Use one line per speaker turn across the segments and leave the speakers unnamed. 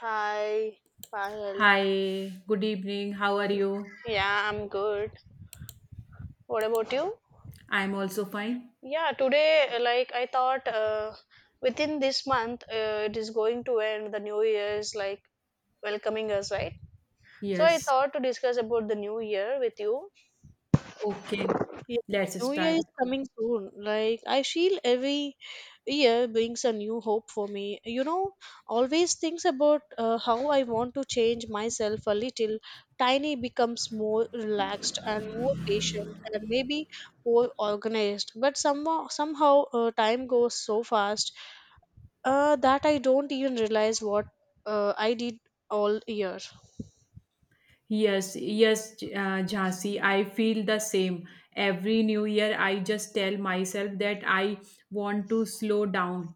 Hi, Pahil.
Hi, good evening. How are you?
Yeah, I'm good. What about you?
I'm also fine.
Yeah, today, like I thought, within this month, it is going to end. The new year is like welcoming us, right? So I
Yes.
thought to discuss about the new year with you.
Okay.
Yeah,
Let's
New Year is
start.
coming soon. Like I feel every year brings a new hope for me. You know, always thinks about how I want to change myself a little. Tiny becomes more relaxed and more patient and maybe more organized. But somehow, time goes so fast that I don't even realize what I did all year.
Yes, yes, Jhansi, I feel the same. Every new year, I just tell myself that I want to slow down,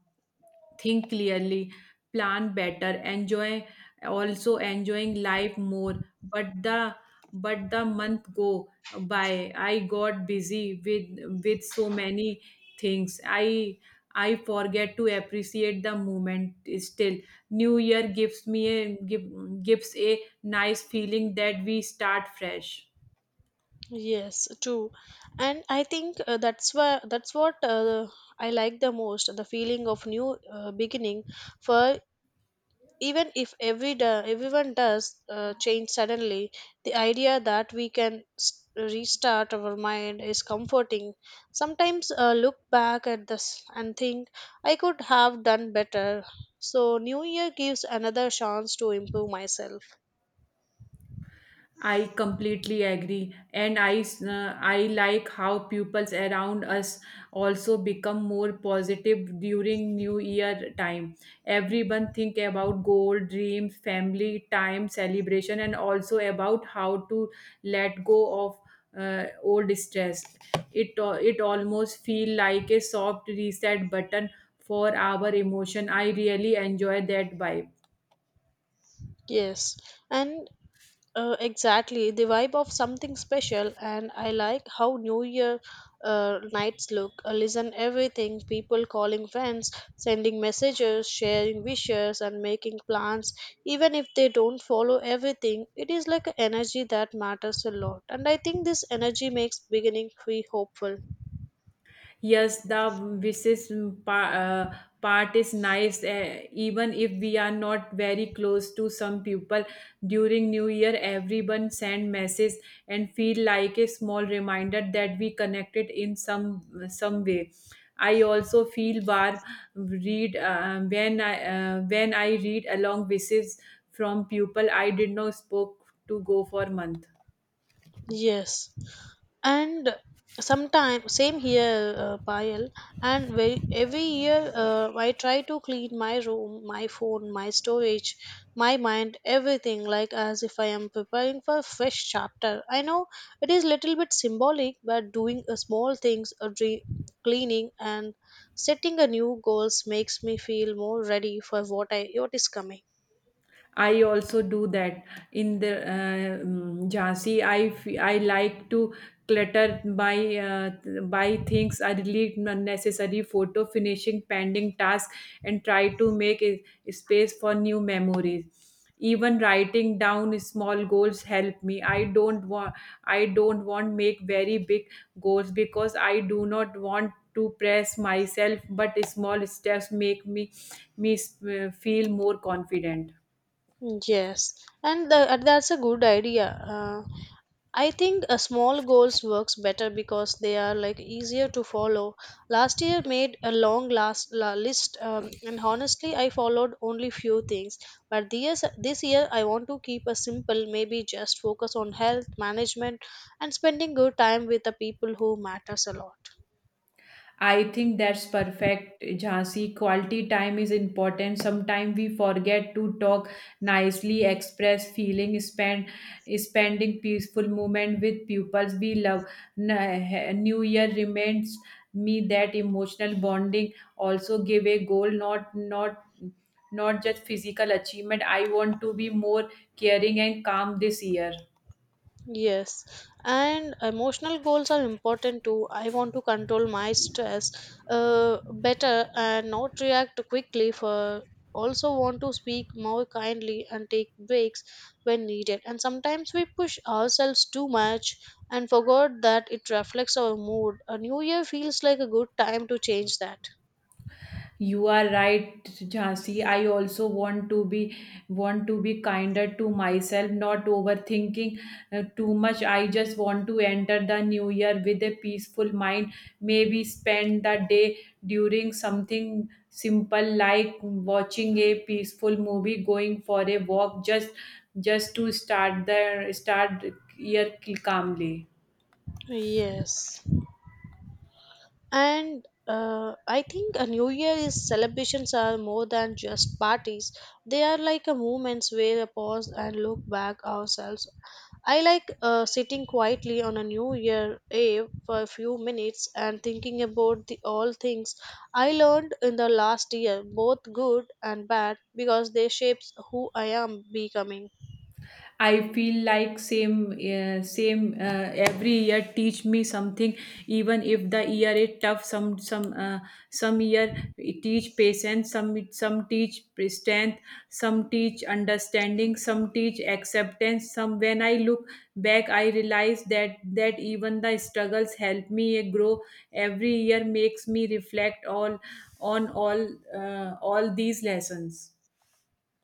think clearly, plan better, enjoy, also enjoying life more. But the month go by. I got busy with so many things. I forget to appreciate the moment still. New year gives me gives a nice feeling that we start fresh.
Yes, true. And I think that's what I like the most, the feeling of new beginning for even if every everyone does change suddenly, the idea that we can restart our mind is comforting. Sometimes look back at this and think I could have done better. So new year gives another chance to improve myself.
I completely agree, and I like how pupils around us also become more positive during New Year time. Everyone think about goal, dreams, family time, celebration, and also about how to let go of old stress. It almost feel like a soft reset button for our emotion. I really enjoy that vibe.
Yes, and exactly, the vibe of something special, and I like how New Year nights look. Listen, everything people calling friends, sending messages, sharing wishes, and making plans. Even if they don't follow everything, it is like an energy that matters a lot. And I think this energy makes beginning feel hopeful.
Yes, the Visis pa- part is nice, even if we are not very close to some people. During New Year, everyone send message and feel like a small reminder that we connected in some way. I also feel warm read, when I read along Visis from people I did not spoke to go for month.
Yes. And sometime same here, Payal. And every year, I try to clean my room, my phone, my storage, my mind, everything, like as if I am preparing for a fresh chapter. I know it is little bit symbolic, but doing a small things, a cleaning and setting a new goals, makes me feel more ready for what I what is coming.
I also do that in the Jhansi. I like to clutter by things. I delete unnecessary photo, finishing pending tasks, and try to make a space for new memories. Even writing down small goals help me. I don't want make very big goals because I do not want to press myself. But small steps make me feel more confident.
Yes, and that's a good idea. I think a small goals works better because they are like easier to follow. Last year made a long list, and honestly, I followed only few things. But this year, I want to keep a simple, maybe just focus on health management and spending good time with the people who matters a lot.
I think that's perfect, Jhansi. Quality time is important. Sometimes we forget to talk nicely, express feeling, spending peaceful moment with pupils we love. New Year reminds me that emotional bonding also give a goal, not just physical achievement. I want to be more caring and calm this year.
Yes, and emotional goals are important too. I want to control my stress better and not react quickly for also want to speak more kindly and take breaks when needed. And sometimes we push ourselves too much and forgot that it reflects our mood. A new year feels like a good time to change that.
You are right, Jhansi. I also want to be kinder to myself, not overthinking too much. I just want to enter the new year with a peaceful mind. Maybe spend the day during something simple like watching a peaceful movie, going for a walk, just to start the start year calmly.
Yes. And I think a New Year is celebrations are more than just parties. They are like a moments where a pause and look back ourselves. I like sitting quietly on a New Year Eve for a few minutes and thinking about the all things I learned in the last year, both good and bad, because they shapes who I am becoming.
I feel like same same every year teach me something, even if the year is tough. Some year it teach patience, some teach strength, some teach understanding, some teach acceptance, some when I look back I realize that even the struggles help me grow. Every year makes me reflect all on all all these lessons.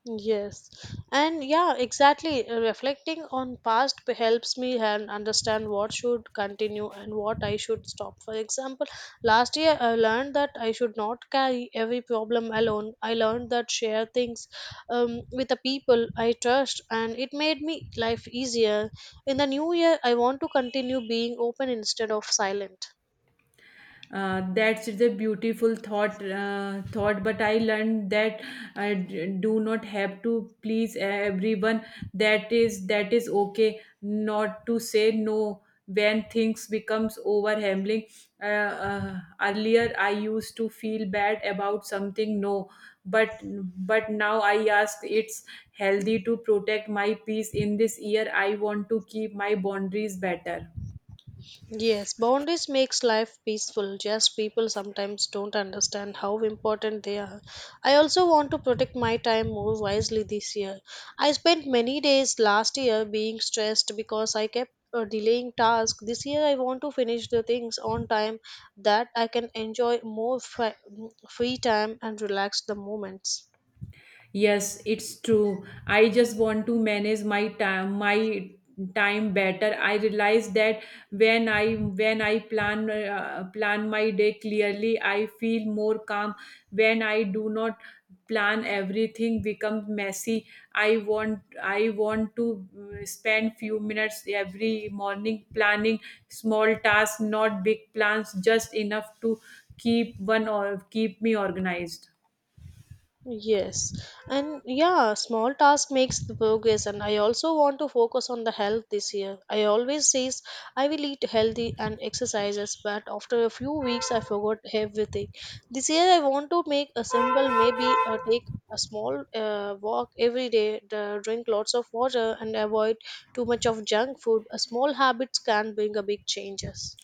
Yes, and yeah, exactly. Reflecting on past helps me and understand what should continue and what I should stop. For example, last year I learned that I should not carry every problem alone. I learned that share things, with the people I trust, and it made me life easier. In the new year, I want to continue being open instead of silent.
That's the beautiful thought, but I learned that I do not have to please everyone. That is okay not to say no when things becomes overwhelming. uh, Earlier I used to feel bad about something no, but but now I ask it's healthy to protect my peace. In this year I want to keep my boundaries better.
Yes, boundaries makes life peaceful. Just people sometimes don't understand how important they are. I also want to protect my time more wisely this year. I spent many days last year being stressed because I kept delaying tasks. This year I want to finish the things on time that I can enjoy more free time and relax the moments.
Yes, it's true. I just want to manage my time better. I realize that when I plan my day clearly, I feel more calm. When I do not plan, everything becomes messy. I want to spend few minutes every morning planning small tasks, not big plans, just enough to keep one or keep me organized.
Yes, and yeah, small task makes the progress. And I also want to focus on the health this year. I always says I will eat healthy and exercises, but after a few weeks I forgot everything. This year I want to make a simple, maybe take a small walk every day, drink lots of water, and avoid too much of junk food. A small habits can bring a big changes.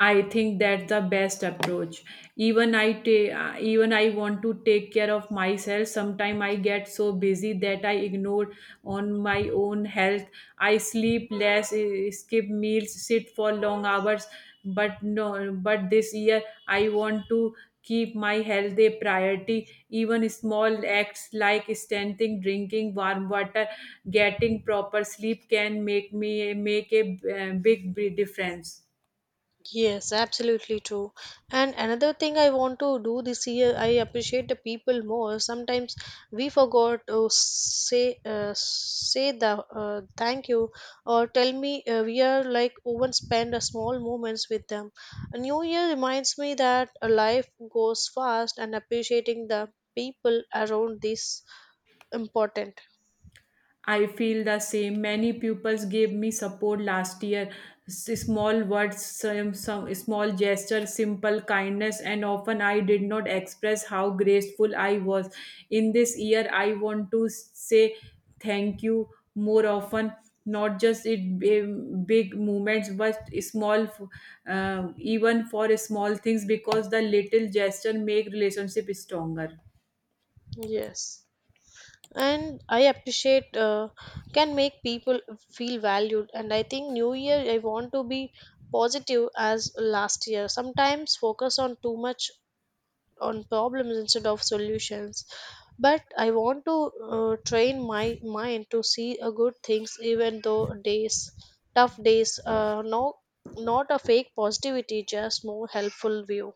I think that's the best approach. Even I want to take care of myself. Sometimes I get so busy that I ignore on my own health. I sleep less, skip meals, sit for long hours. But no, but this year I want to keep my health a priority. Even small acts like standing, drinking warm water, getting proper sleep can make a big difference.
Yes, absolutely true. And another thing I want to do this year, I appreciate the people more. Sometimes we forgot to say say the thank you or tell me we are like even spend a small moments with them. A new year reminds me that a life goes fast and appreciating the people around this important.
I feel the same. Many pupils gave me support last year. Small words, some small gestures, simple kindness, and often I did not express how grateful I was. In this year, I want to say thank you more often, not just in big moments, but small, even for small things, because the little gesture make relationship stronger.
Yes. And I appreciate can make people feel valued. And I think new year I want to be positive as last year sometimes focus on too much on problems instead of solutions. But I want to train my mind to see a good things even though days tough days, no, not a fake positivity, just more helpful view.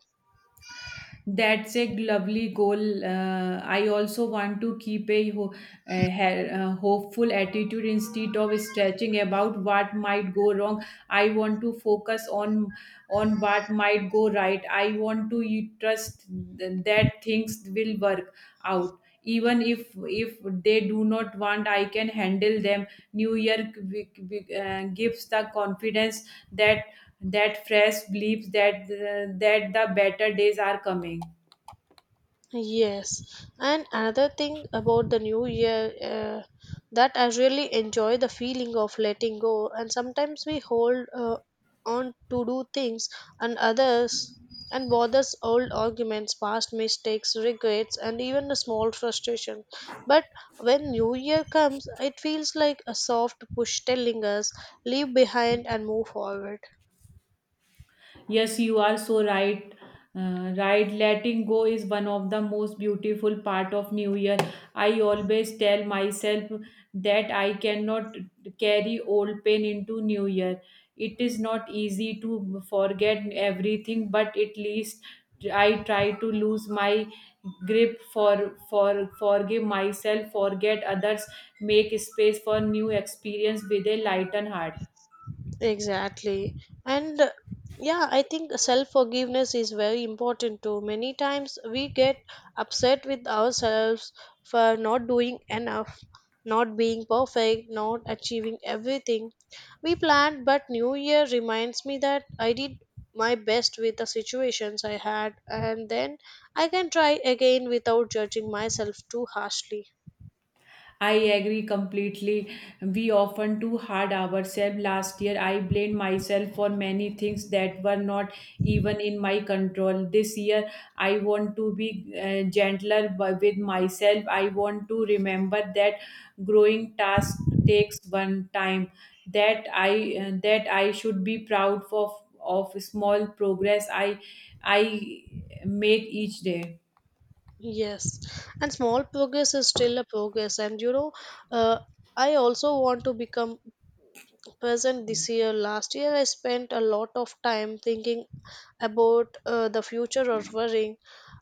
That's a lovely goal. I also want to keep a, ho- a, ha- a hopeful attitude instead of stretching about what might go wrong. I want to focus on what might go right. I want to trust that things will work out. Even if they do not want, I can handle them. New Year gives the confidence that fresh beliefs that the better days are coming.
Yes, and another thing about the new year, that I really enjoy the feeling of letting go. And sometimes we hold on to do things and others and bothers old arguments, past mistakes, regrets, and even a small frustration. But when new year comes, it feels like a soft push telling us leave behind and move forward.
Yes, you are so right. Right, letting go is one of the most beautiful part of New Year. I always tell myself that I cannot carry old pain into New Year. It is not easy to forget everything, but at least I try to lose my grip, for forgive myself, forget others, make space for new experience with a lightened heart.
Exactly. And yeah, I think self forgiveness is very important too. Many times we get upset with ourselves for not doing enough, not being perfect, not achieving everything we planned, but New Year reminds me that I did my best with the situations I had, and then I can try again without judging myself too harshly.
I agree completely. We often too hard ourselves. Last year, I blamed myself for many things that were not even in my control. This year, I want to be gentler with myself. I want to remember that growing task takes one time. That I that I should be proud of small progress I make each day.
Yes, and small progress is still a progress. And you know, uh, I also want to become present this year. Last year, I spent a lot of time thinking about the future or worrying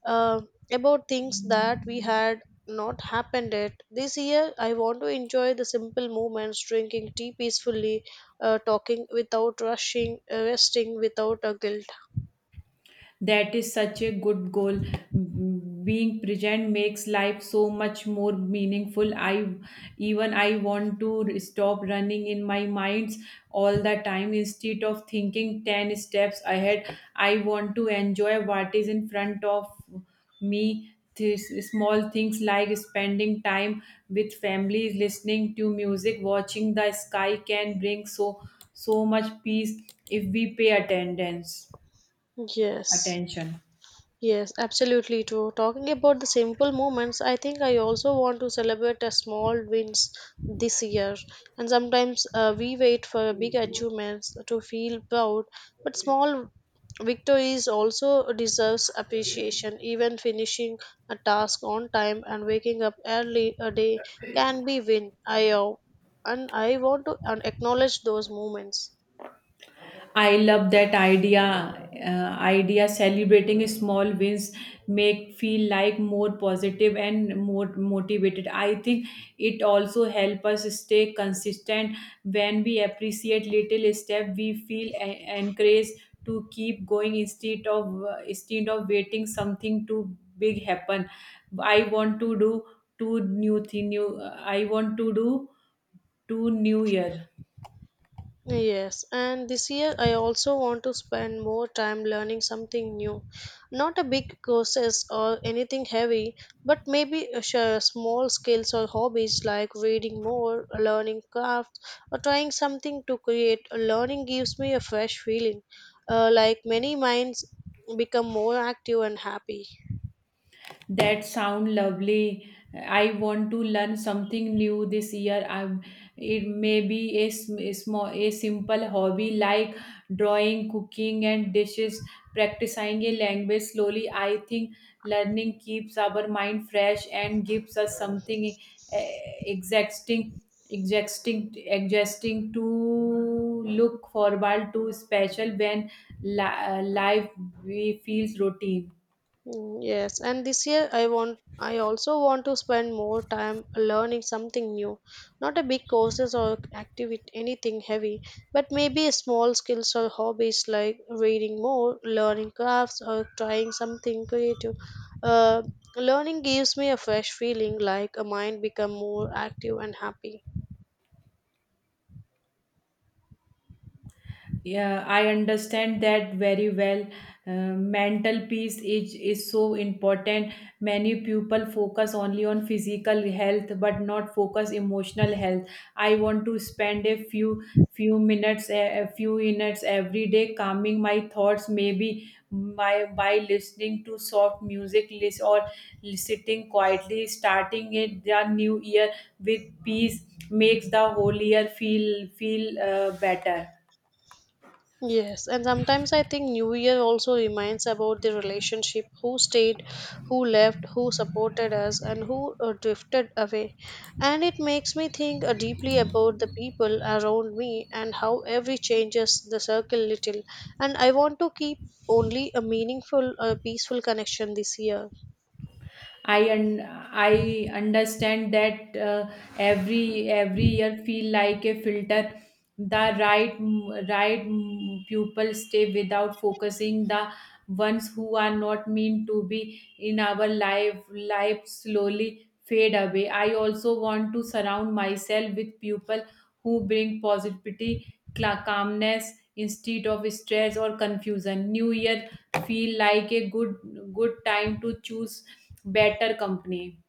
uh, about things that we had not happened yet. This year, I want to enjoy the simple moments, drinking tea peacefully, talking without rushing, resting without a guilt.
That is such a good goal. Being present makes life so much more meaningful. I even I want to stop running in my minds all the time instead of thinking 10 steps ahead. I want to enjoy what is in front of me. This, small things like spending time with families, listening to music, watching the sky can bring so much peace if we pay attendance
Yes.
attention.
Yes, absolutely true. Talking about the simple moments, I think I also want to celebrate a small wins this year. And sometimes we wait for big achievements to feel proud, but small victories also deserves appreciation. Even finishing a task on time and waking up early a day can be win. I and I want to acknowledge those moments.
I love that idea. Celebrating small wins make feel like more positive and more motivated. I think it also help us stay consistent. When we appreciate little step, we feel encouraged to keep going instead of, instead of waiting something too big happen. I want to do two new thing. New I want to do two new year.
Yes, and this year I also want to spend more time learning something new. Not a big courses or anything heavy, but maybe a small skills or hobbies like reading more, learning crafts, or trying something to create. Learning gives me a fresh feeling, like many minds become more active and happy.
That sound lovely. I want to learn something new this year. I'm It may be a, sm- a small a simple hobby like drawing, cooking and dishes, practicing a language slowly. I think learning keeps our mind fresh and gives us something uh, exhausting exhausting to look forward to, special when life we feels routine.
Mm, yes, and this year I also want to spend more time learning something new. Not a big courses or activity anything heavy, but maybe small skills or hobbies like reading more, learning crafts or trying something creative. Uh, learning gives me a fresh feeling like a mind become more active and happy.
Yeah, I understand that very well. Mental peace is so important. Many people focus only on physical health but not focus emotional health. I want to spend a few minutes every day calming my thoughts, maybe by listening to soft music list, or sitting quietly. Starting it the new year with peace makes the whole year feel better.
Yes, and sometimes I think New Year also reminds about the relationship who stayed, who left, who supported us, and who drifted away. And it makes me think deeply about the people around me and how every changes the circle little. And I want to keep only a meaningful, peaceful connection this year.
I un i understand that, every year feel like a filter. The right pupil stay without focusing the ones who are not meant to be in our life slowly fade away. I also want to surround myself with people who bring positivity, calmness, instead of stress or confusion. New year feel like a good time to choose better company.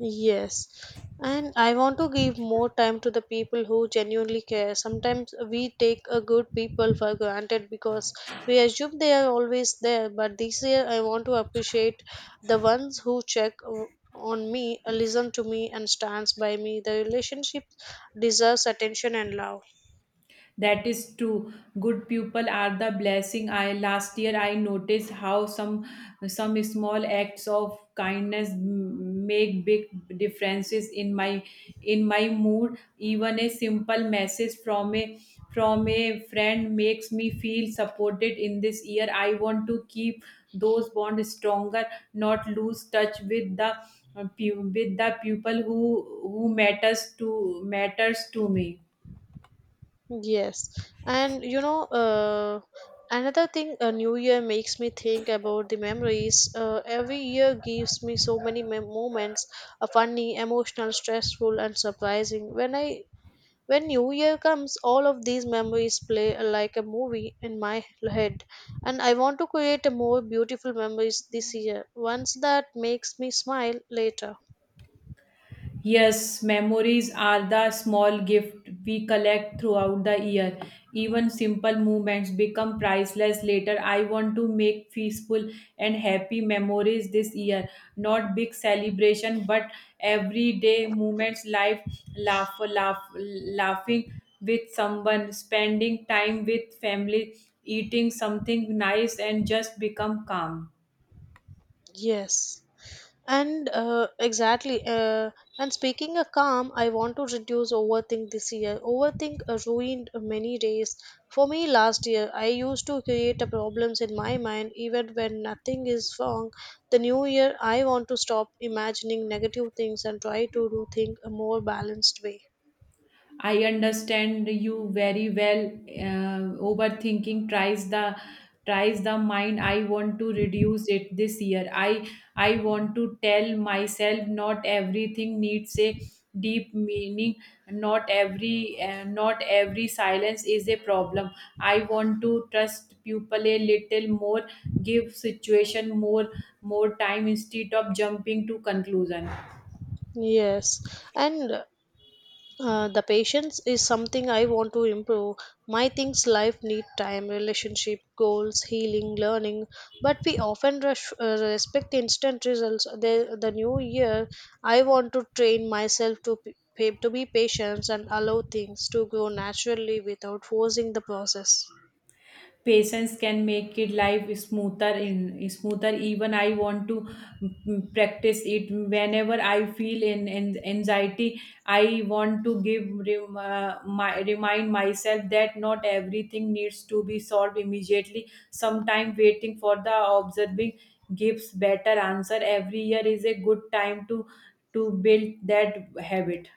Yes, and I want to give more time to the people who genuinely care. Sometimes we take a good people for granted because we assume they are always there. But this year, I want to appreciate the ones who on me, listen to me, and stands by me. The relationship deserves attention and love.
That is true. Good people are the blessing. I last year I noticed how some small acts of kindness make big differences in my mood. Even a simple message from a friend makes me feel supported. In this year, I want to keep those bonds stronger, not lose touch with with the people who matters to me.
Yes, and you know, another thing, a new year makes me think about the memories. Every year gives me so many moments, funny, emotional, stressful, and surprising. When New Year comes, all of these memories play like a movie in my head, and I want to create a more beautiful memories this year. Once that makes me smile later.
Yes, memories are the small gift we collect throughout the year. Even simple moments become priceless later. I want to make peaceful and happy memories this year. Not big celebration, but everyday moments life laughing with someone, spending time with family, eating something nice, and just become calm.
Yes. And exactly. And speaking of calm, I want to reduce overthink this year. Overthink ruined many days. For me, last year, I used to create a problems in my mind even when nothing is wrong. The new year, I want to stop imagining negative things and try to do things a more balanced way.
I understand you very well. Overthinking tries the mind. I want to reduce it this year. I want to tell myself not everything needs a deep meaning. Not every silence is a problem. I want to trust people a little more. Give situation more time instead of jumping to conclusion.
Yes, and the patience is something I want to improve. My things life need time, relationship, goals, healing, learning. But we often rush, respect instant results. The new year, I want to train myself to to be patient and allow things to grow naturally without forcing the process.
Patience can make it life smoother. Even I want to practice it. Whenever I feel in anxiety, I want to give remind myself that not everything needs to be solved immediately. Sometime waiting for the observing gives better answer. Every year is a good time to build that habit.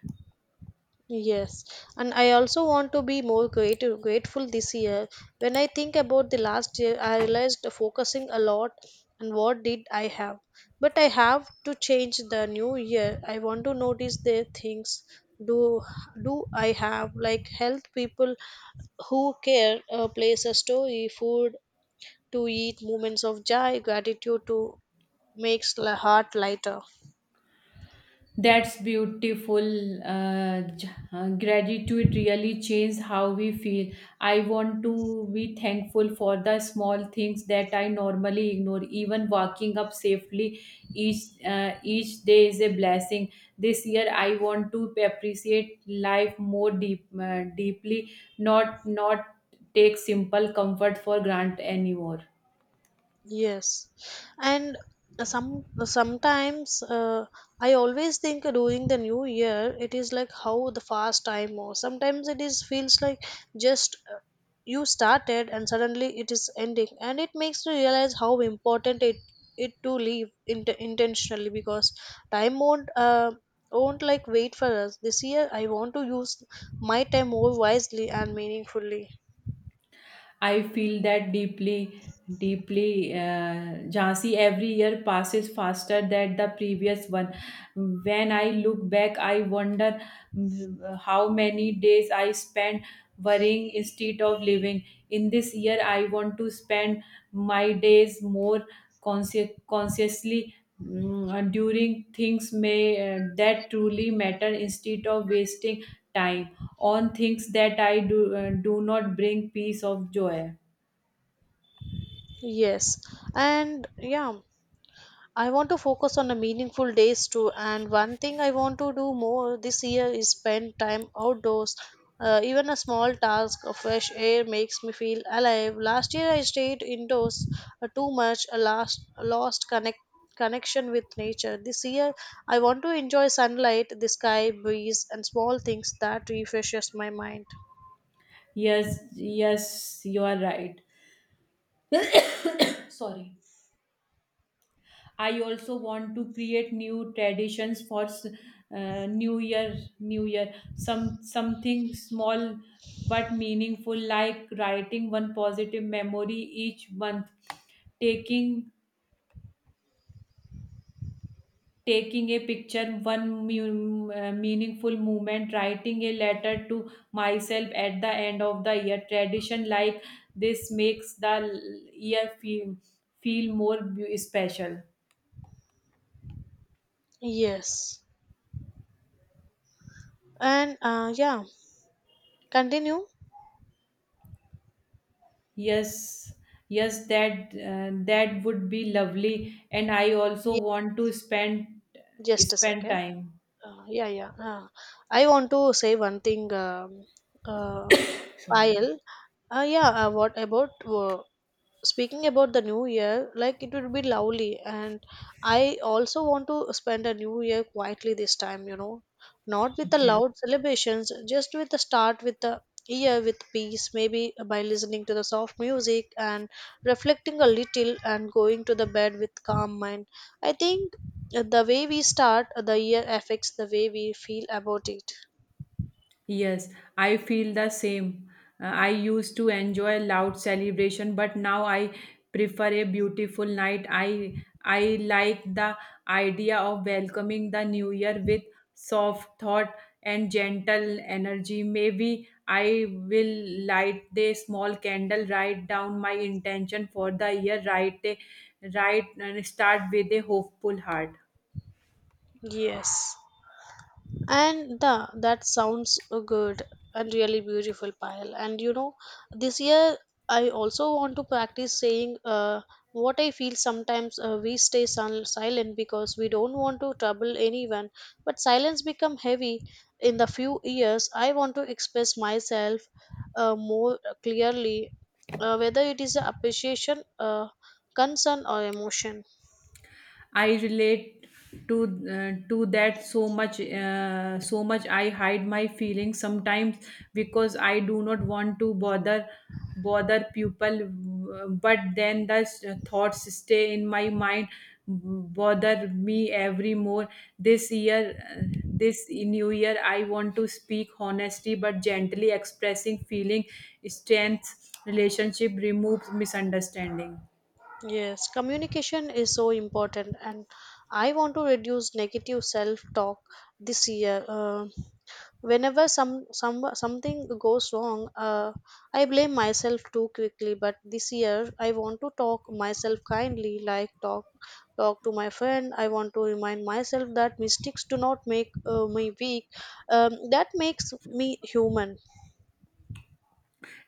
Yes, and I also want to be more creative, grateful this year. When I think about the last year, I realized focusing a lot and what did I have. But I have to change the new year. I want to notice the things do do I have, like health, people who care, place, a story, food to eat, moments of joy, gratitude to makes the heart lighter.
That's beautiful. Gratitude really changes how we feel. I want to be thankful for the small things that I normally ignore. Even walking up safely each day is a blessing. This year, I want to appreciate life more deeply. Not take simple comfort for granted anymore.
Yes, and sometimes, I always think during the new year it is like how the fast time, or sometimes it is feels like just, you started and suddenly it is ending, and it makes you realize how important it to leave intentionally, because time won't, won't like wait for us. This year I want to use my time more wisely and meaningfully.
I feel that deeply, Jhansi. Every year passes faster than the previous one. When I look back, I wonder how many days I spent worrying instead of living. In this year, I want to spend my days more consciously, during things may that truly matter instead of wasting time on things that I do not bring peace of joy.
Yes, and yeah, I want to focus on the meaningful days too. And one thing I want to do more this year is spend time outdoors. Even a small task of fresh air makes me feel alive. Last year I stayed indoors too much, a last lost connection with nature. This year I want to enjoy sunlight, the sky, breeze, and small things that refreshes my mind.
Yes, yes, you are right. Sorry. I also want to create new traditions for New Year. Something small but meaningful, like writing one positive memory each month, taking taking a picture, one meaningful moment, writing a letter to myself at the end of the year. Tradition like this year feel special.
Yes, and yeah, continue.
Yes, yes, that would be lovely. And I also
Yes,
want to spend
just a
spend
second.
time.
Yeah, yeah. I want to say one thing, uh,
Sorry.
Payal. Yeah, what about speaking about the new year? Like, it would be lovely. And I also want to spend a new year quietly this time, you know, not with the
Okay.
loud celebrations, just with the start, with the year with peace, maybe by listening to the soft music and reflecting a little and going to the bed with calm mind. I think the way we start the year affects the way we feel about it.
Yes, I feel the same. I used to enjoy loud celebration, but now I prefer a beautiful night. I like the idea of welcoming the new year with soft thought and gentle energy. Maybe I will light a small candle, write down my intention for the year, write and start with a hopeful heart.
Yes. And the, that sounds a good and really beautiful pile. And you know, this year I also want to practice saying what I feel. Sometimes we stay silent because we don't want to trouble anyone. But silence become heavy in the few years. I want to express myself more clearly, whether it is appreciation, concern, or emotion.
I relate to to that so much so much. I hide my feelings sometimes because I do not want to bother people, but then thoughts stay in my mind, bother me every more. This year, this new year, I want to speak honestly but gently. Expressing feeling strength relationship removes misunderstanding.
Yes, communication is so important, and I want to reduce negative self talk this year. Whenever some something goes wrong, I blame myself too quickly. But this year, I want to talk myself kindly, like talk to my friend. I want to remind myself that mistakes do not make me weak. That makes me human.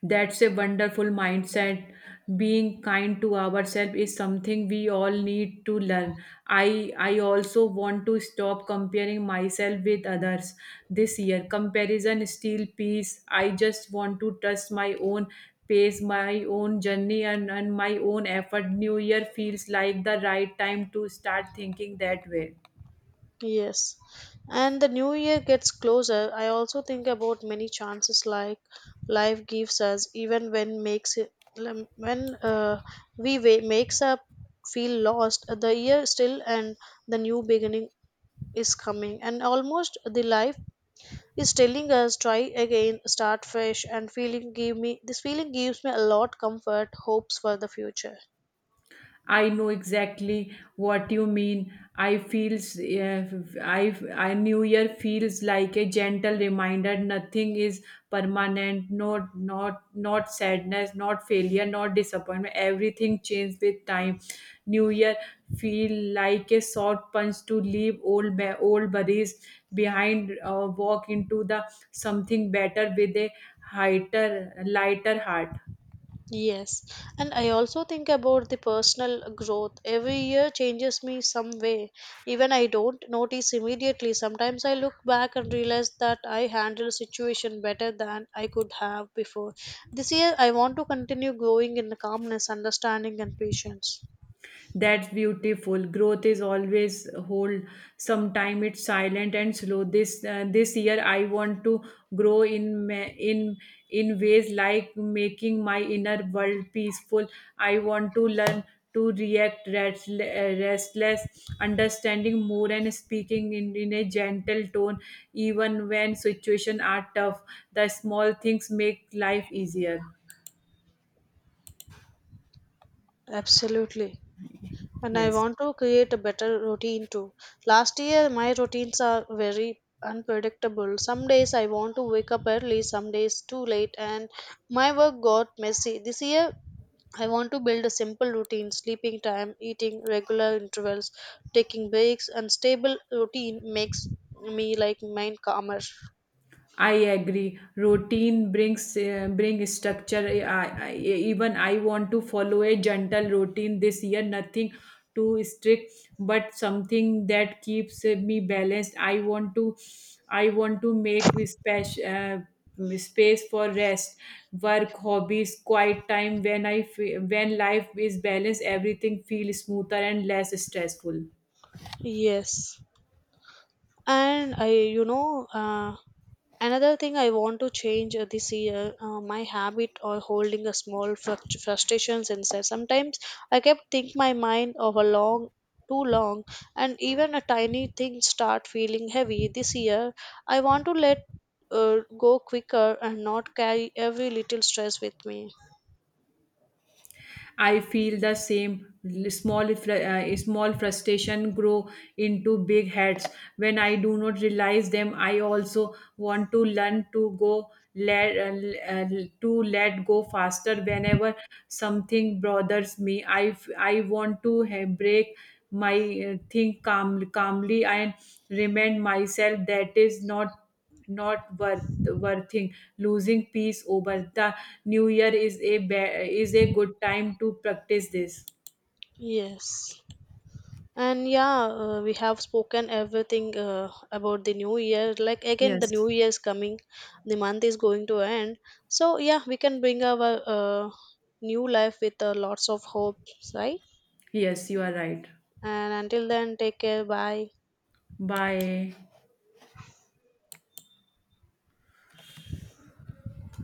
That's a wonderful mindset. Being kind to ourselves is something we all need to learn. I also want to stop comparing myself with others this year. Comparison still peace. I just want to trust my own pace, my own journey, and my own effort. New year feels like the right time to start thinking that way.
Yes, and the new year gets closer. I also think about many chances like life gives us, even when makes it lem- when we makes up feel lost. The year still, and the new beginning is coming, and almost the life is telling us try again, start fresh, and feeling give me this feeling gives me a lot comfort, hopes for the future.
I know exactly what you mean. I feels I New Year feels like a gentle reminder. Nothing is permanent. No, not sadness, not failure, not disappointment. Everything changes with time. New Year feel like a short punch to leave old worries behind. Walk into the something better with a lighter heart.
Yes, and I also think about the personal growth. Every year changes me some way. Even I don't notice immediately. Sometimes I look back and realize that I handle situation better than I could have before. This year I want to continue growing in calmness, understanding and patience.
That's beautiful. Growth is always hold. Sometime it's silent and slow. This year I want to grow in ma- in ways like making my inner world peaceful. I want to learn to react restless, understanding more and speaking in a gentle tone, even when situations are tough. The small things make life easier.
Absolutely. And I
Yes.
want to create a better routine too. Last year, my routines are very unpredictable. Some days I want to wake up early, some days too late, and my work got messy. This year, I want to build a simple routine, sleeping time, eating regular intervals, taking breaks, and stable routine makes me like mind calmer.
I agree. Routine brings, bring structure. Even I want to follow a gentle routine this year. Nothing too strict, but something that keeps me balanced. I want to make space for rest, work, hobbies, quiet time. When life is balanced, everything feels smoother and less stressful.
Yes. And I, you know, another thing I want to change this year, my habit of holding a small frustrations inside. Sometimes I kept think my mind of a long, too long, and even a tiny thing start feeling heavy. This year, I want to let go quicker and not carry every little stress with me.
I feel the same. Small small frustration grow into big heads when I do not realize them. I also want to learn to go let to let go faster whenever something bothers me. I want to break my, calmly and remind myself that is not worth worthing losing peace over. The new year is is a good time to practice this.
Yes. And yeah, we have spoken everything about the new year. Like again, the
Yes.
new year is coming, the month is going to end. So yeah, we can bring our new life with lots of hopes, right?
Yes, you are right.
And until then, take care. Bye.
Bye.